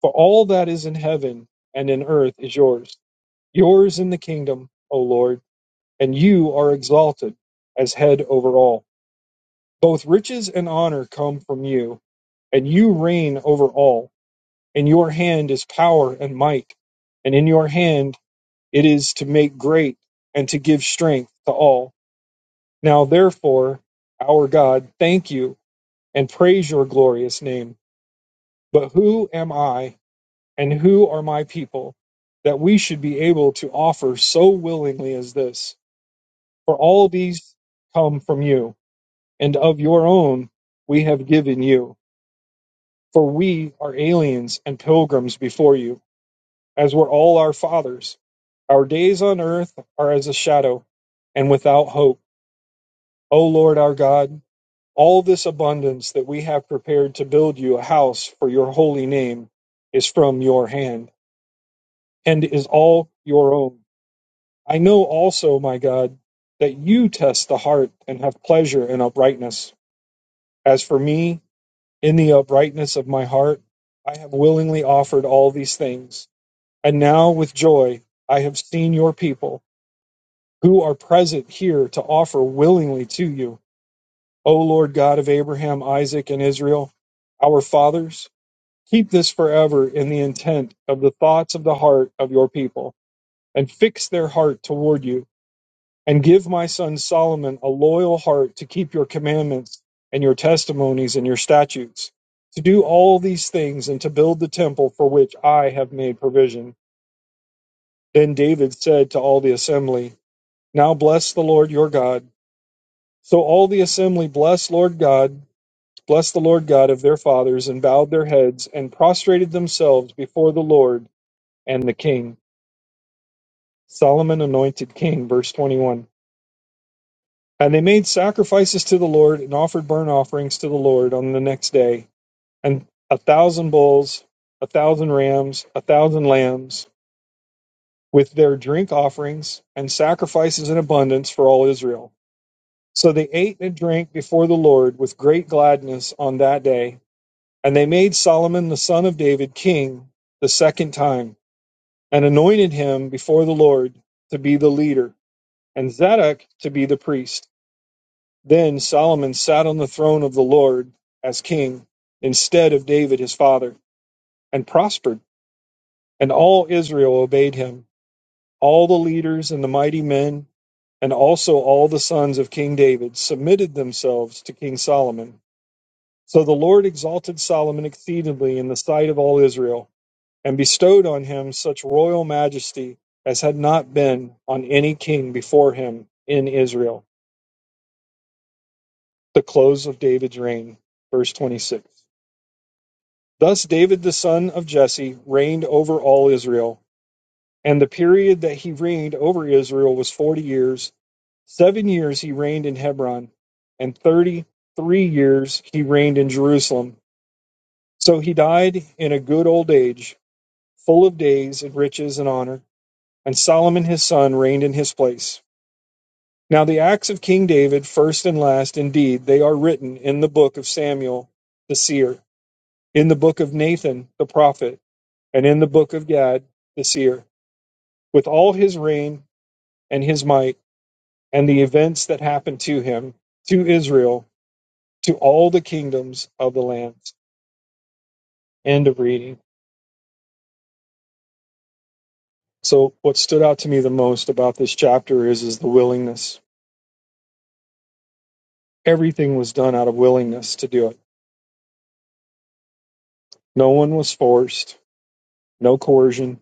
Speaker 1: For all that is in heaven and in earth is yours. Yours in the kingdom, O Lord, and you are exalted as head over all. Both riches and honor come from you, and you reign over all. In your hand is power and might, and in your hand it is to make great and to give strength to all. Now, therefore, our God, thank you and praise your glorious name. But who am I and who are my people that we should be able to offer so willingly as this? For all these come from you, and of your own we have given you. For we are aliens and pilgrims before you as were all our fathers. Our days on earth are as a shadow and without hope. O Lord our God, all this abundance that we have prepared to build you a house for your holy name is from your hand and is all your own. I know also, my God, that you test the heart and have pleasure in uprightness. As for me, in the uprightness of my heart, I have willingly offered all these things. And now with joy I have seen your people who are present here to offer willingly to you, O Lord God of Abraham, Isaac, and Israel, our fathers. Keep this forever in the intent of the thoughts of the heart of your people, and fix their heart toward you. And give my son Solomon a loyal heart to keep your commandments and your testimonies and your statutes, to do all these things and to build the temple for which I have made provision. Then David said to all the assembly, Now bless the Lord your God So all the assembly blessed Lord God, blessed the Lord God of their fathers, and bowed their heads and prostrated themselves before the Lord and the king. Solomon anointed king, verse 21. And they made sacrifices to the Lord and offered burnt offerings to the Lord on the next day, and a thousand bulls, a thousand rams, a thousand lambs, with their drink offerings and sacrifices in abundance for all Israel. So they ate and drank before the Lord with great gladness on that day And they made Solomon the son of David king the second time, and anointed him before the Lord to be the leader, and Zadok to be the priest. Then Solomon sat on the throne of the Lord as king, instead of David his father, and prospered. And all Israel obeyed him, all the leaders and the mighty men, and also all the sons of King David submitted themselves to King Solomon. So the Lord exalted Solomon exceedingly in the sight of all Israel and bestowed on him such royal majesty as had not been on any king before him in Israel. The close of David's reign. Verse 26. Thus David the son of Jesse reigned over all Israel, and the period that he reigned over Israel was 40 years. Seven years he reigned in Hebron, and 33 years he reigned in Jerusalem. So he died in a good old age, full of days and riches and honor, and Solomon his son reigned in his place. Now the acts of King David, first and last, indeed, they are written in the book of Samuel the seer, in the book of Nathan the prophet, and in the book of Gad the seer, with all his reign and his might, and the events that happened to him, to Israel, to all the kingdoms of the lands. End of reading. So what stood out to me the most about this chapter is is the willingness. Everything was done out of willingness to do it. No one was forced, no coercion.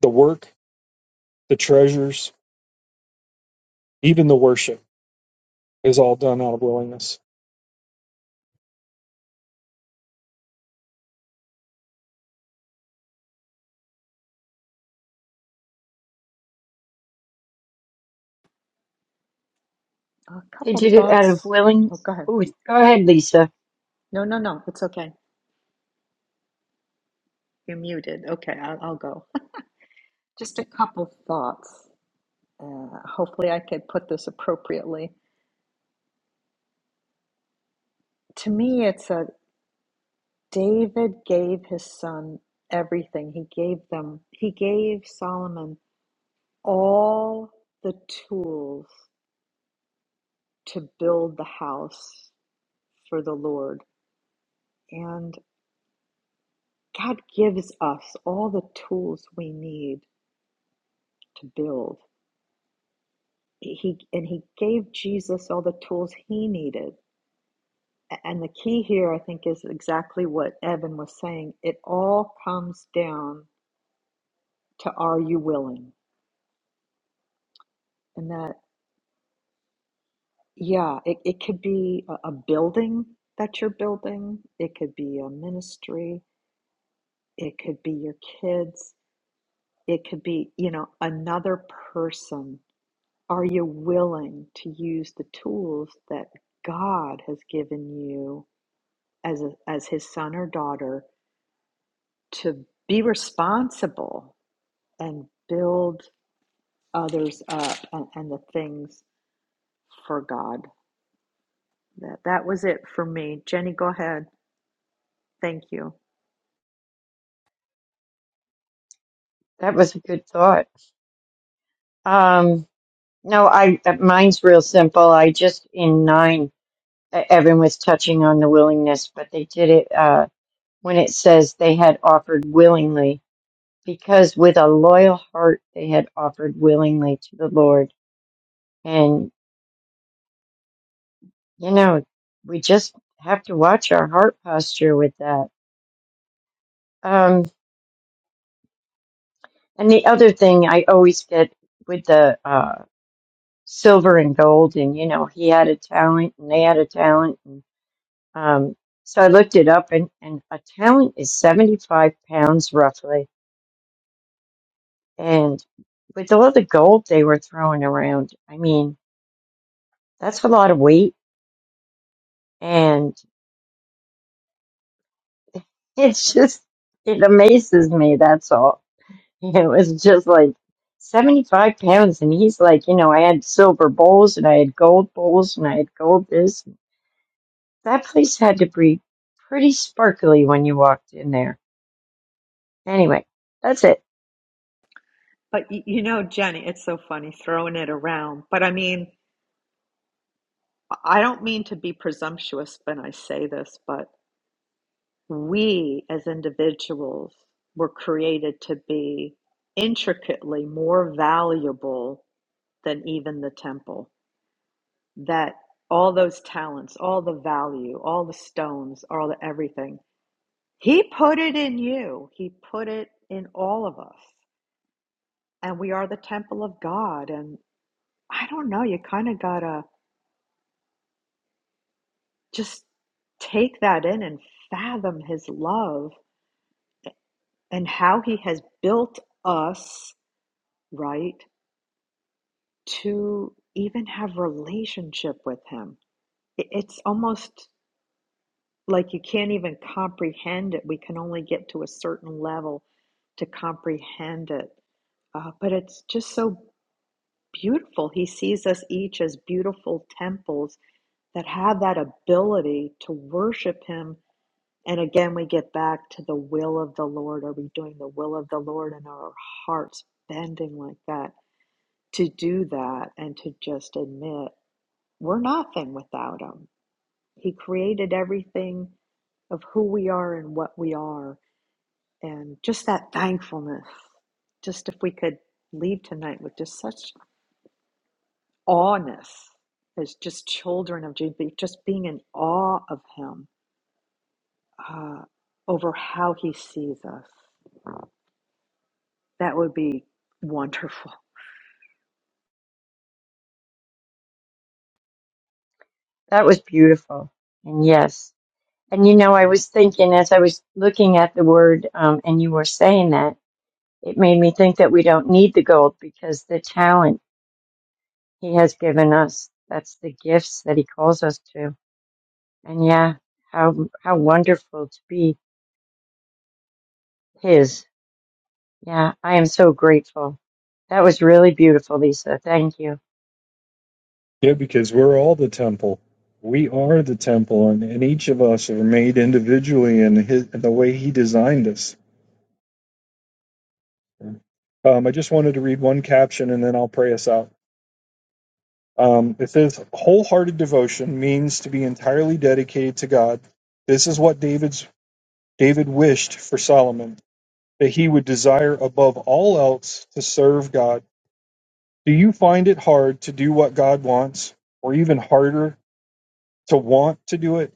Speaker 1: The work the treasures, even the worship is all done out of willingness.
Speaker 2: A
Speaker 3: They
Speaker 2: couple
Speaker 3: did it out of
Speaker 2: thoughts.
Speaker 3: willing.
Speaker 2: Oh, go ahead.
Speaker 3: Ooh, go ahead, Lisa.
Speaker 2: No, no, no. It's okay. You're muted. Okay, I'll, I'll go. Just a couple thoughts. Uh, hopefully, I could put this appropriately. To me, it's a David gave his son everything. He gave them, he gave Solomon all the tools to build the house for the Lord. And God gives us all the tools we need to build. He and he gave Jesus all the tools he needed. And the key here I think is exactly what Evan was saying. It all comes down to are you willing? And that Yeah, it, it could be a, a building that you're building, it could be a ministry, it could be your kids, it could be, you know, another person. Are you willing to use the tools that God has given you as a, as his son or daughter to be responsible and build others up and, and the things for God? That that was it for me. Jenny, go ahead. Thank you.
Speaker 3: That was a good thought. Um, no, I uh, mine's real simple. I just in nine, uh, Evan was touching on the willingness, but they did it uh, when it says they had offered willingly, because with a loyal heart they had offered willingly to the Lord. And You know, we just have to watch our heart posture with that. Um, and the other thing I always get with the uh, silver and gold, and you know, he had a talent and they had a talent. And, um, so I looked it up, and, and a talent is 75 pounds roughly. And with all the gold they were throwing around, I mean, that's a lot of weight. And it's just, it amazes me, that's all. It was just like 75 pounds. And he's like, you know, I had silver bowls and I had gold bowls and I had gold this. That place had to be pretty sparkly when you walked in there. Anyway, that's it.
Speaker 2: But y- you know, Jenny, it's so funny throwing it around. But I mean, I don't mean to be presumptuous when I say this, but we as individuals were created to be intricately more valuable than even the temple. That all those talents, all the value, all the stones, all the everything, He put it in you. He put it in all of us. And we are the temple of God. And I don't know, you kind of gotta. just take that in and fathom his love and how he has built us right to even have relationship with him it's almost like you can't even comprehend it we can only get to a certain level to comprehend it Uh, but it's just so beautiful he sees us each as beautiful temples that have that ability to worship him And again, we get back to the will of the Lord. Are we doing the will of the Lord and are our hearts bending like that to do that and to just admit we're nothing without Him? He created everything of who we are and what we are, and just that thankfulness. Just if we could leave tonight with just such awness as just children of Jesus, just being in awe of Him uh, over how He sees us. That would be wonderful.
Speaker 3: That was beautiful. And yes. And you know, I was thinking as I was looking at the word, um, and you were saying that, it made me think that we don't need the gold because the talent he has given us, that's the gifts that he calls us to. And yeah, how, how wonderful to be His. Yeah, I am so grateful. That was really beautiful, Lisa. Thank you.
Speaker 1: Yeah, because we're all the temple. We are the temple, and, and each of us are made individually in, his, in the way He designed us. Um, I just wanted to read one caption and then I'll pray us out. Um, it says, wholehearted devotion means to be entirely dedicated to God. This is what David's David wished for Solomon, that he would desire above all else to serve God Do you find it hard to do what God wants, or even harder to want to do it?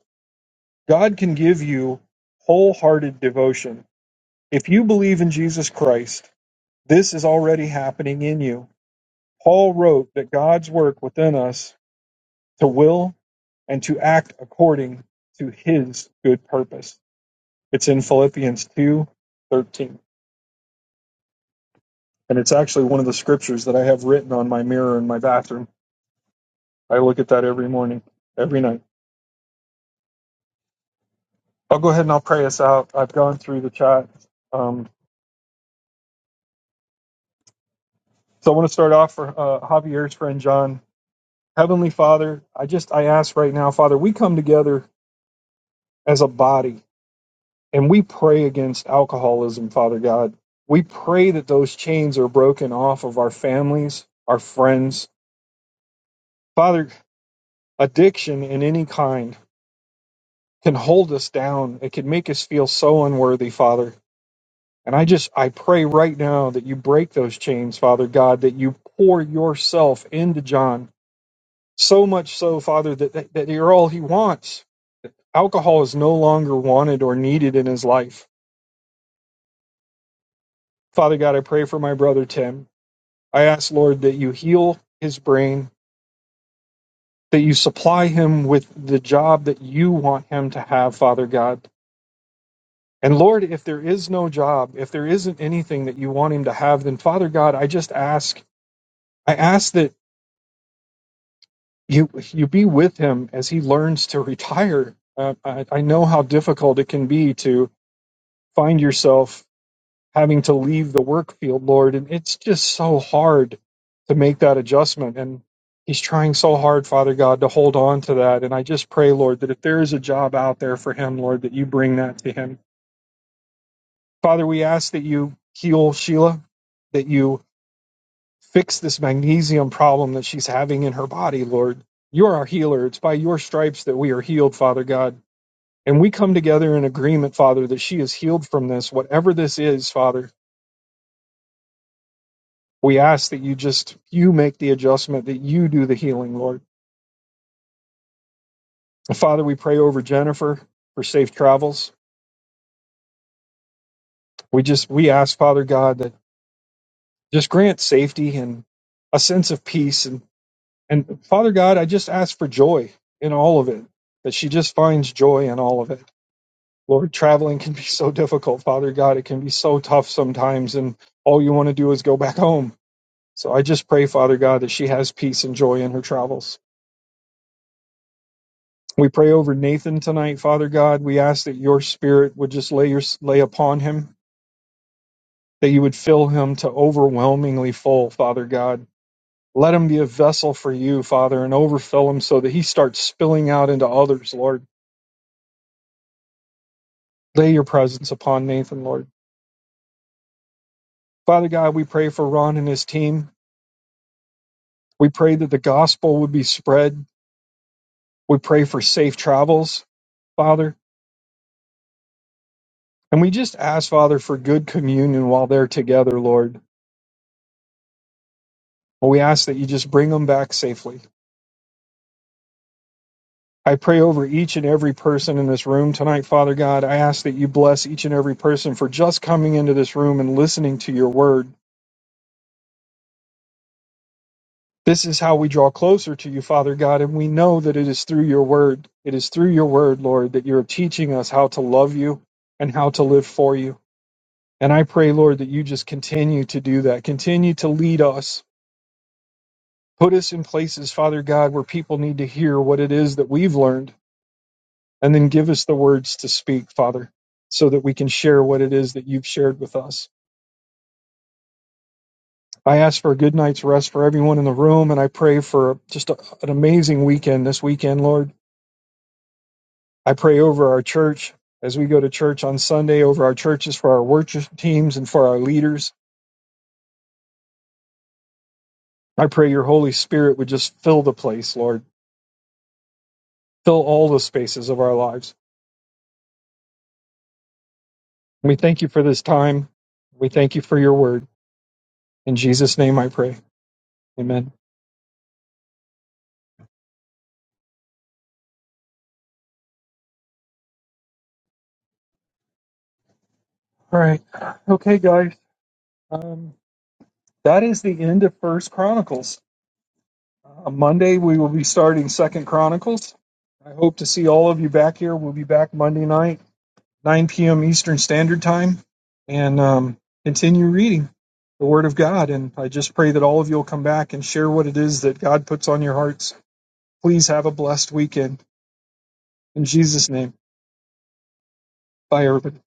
Speaker 1: God can give you wholehearted devotion. If you believe in Jesus Christ, this is already happening in you. Paul wrote that God's work within us to will and to act according to his good purpose. It's in Philippians 2, 13, And it's actually one of the scriptures that I have written on my mirror in my bathroom. I look at that every morning, every night. I'll go ahead and I'll pray us out. I've gone through the chat. Um, so I want to start off for uh, Javier's friend John. Heavenly Father, I just I ask right now, Father, we come together as a body and we pray against alcoholism, Father God. We pray that those chains are broken off of our families, our friends. Father, addiction in any kind can hold us down. It can make us feel so unworthy, Father. And I just, I pray right now that you break those chains, Father God, that you pour yourself into John, so much so, Father, that, that, that you're all he wants. Alcohol is no longer wanted or needed in his life. Father God, I pray for my brother Tim. I ask, Lord, that you heal his brain, that you supply him with the job that you want him to have, Father God. And Lord, if there is no job, if there isn't anything that you want him to have, then Father God, I just ask, I ask that you you be with him as he learns to retire. Uh, I, I know how difficult it can be to find yourself having to leave the work field, Lord, and it's just so hard to make that adjustment. And he's trying so hard, Father God, to hold on to that. And I just pray, Lord, that if there is a job out there for him, Lord, that you bring that to him. Father, we ask that you heal Sheila, that you Fix this magnesium problem that she's having in her body, Lord. You are our healer. It's by your stripes that we are healed, Father God. And we come together in agreement, Father, that she is healed from this, whatever this is, Father. We ask that you just, you make the adjustment, that you do the healing, Lord. Father, we pray over Jennifer for safe travels. We just, we ask, Father God, that just grant safety and a sense of peace. And, and Father God, I just ask for joy in all of it, that she just finds joy in all of it. Lord, traveling can be so difficult, Father God. It can be so tough sometimes, and all you want to do is go back home. So I just pray, Father God, that she has peace and joy in her travels. We pray over Nathan tonight, Father God. We ask that your spirit would just lay your lay upon him, that you would fill him to overwhelmingly full, Father God. Let him be a vessel for you, Father, and overfill him so that he starts spilling out into others, Lord. Lay your presence upon Nathan, Lord. Father God, we pray for Ron and his team. We pray that the gospel would be spread. We pray for safe travels, Father. And we just ask, Father, for good communion while they're together, Lord. we ask that you just bring them back safely. I pray over each and every person in this room tonight, Father God. I ask that you bless each and every person for just coming into this room and listening to your word. This is how we draw closer to you, Father God, and we know that it is through your word. It is through your word, Lord, that you're teaching us how to love you and how to live for you. And I pray, Lord, that you just continue to do that. Continue to lead us. Put us in places, Father God, where people need to hear what it is that we've learned. And then give us the words to speak, Father, so that we can share what it is that you've shared with us. I ask for a good night's rest for everyone in the room. And I pray for just a, an amazing weekend this weekend, Lord. I pray over our church as we go to church on Sunday, over our churches, for our worship teams, and for our leaders. I pray your Holy Spirit would just fill the place, Lord fill all the spaces of our lives. We thank you for this time. We thank you for your word. In Jesus' name I pray. Amen. All right. Okay, guys. Um, that is the end of First Chronicles. Uh, Monday, we will be starting Second Chronicles. I hope to see all of you back here. We'll be back Monday night, 9 p.m. Eastern Standard Time, and um, continue reading the Word of God. And I just pray that all of you will come back and share what it is that God puts on your hearts. Please have a blessed weekend. In Jesus' name, bye, everybody.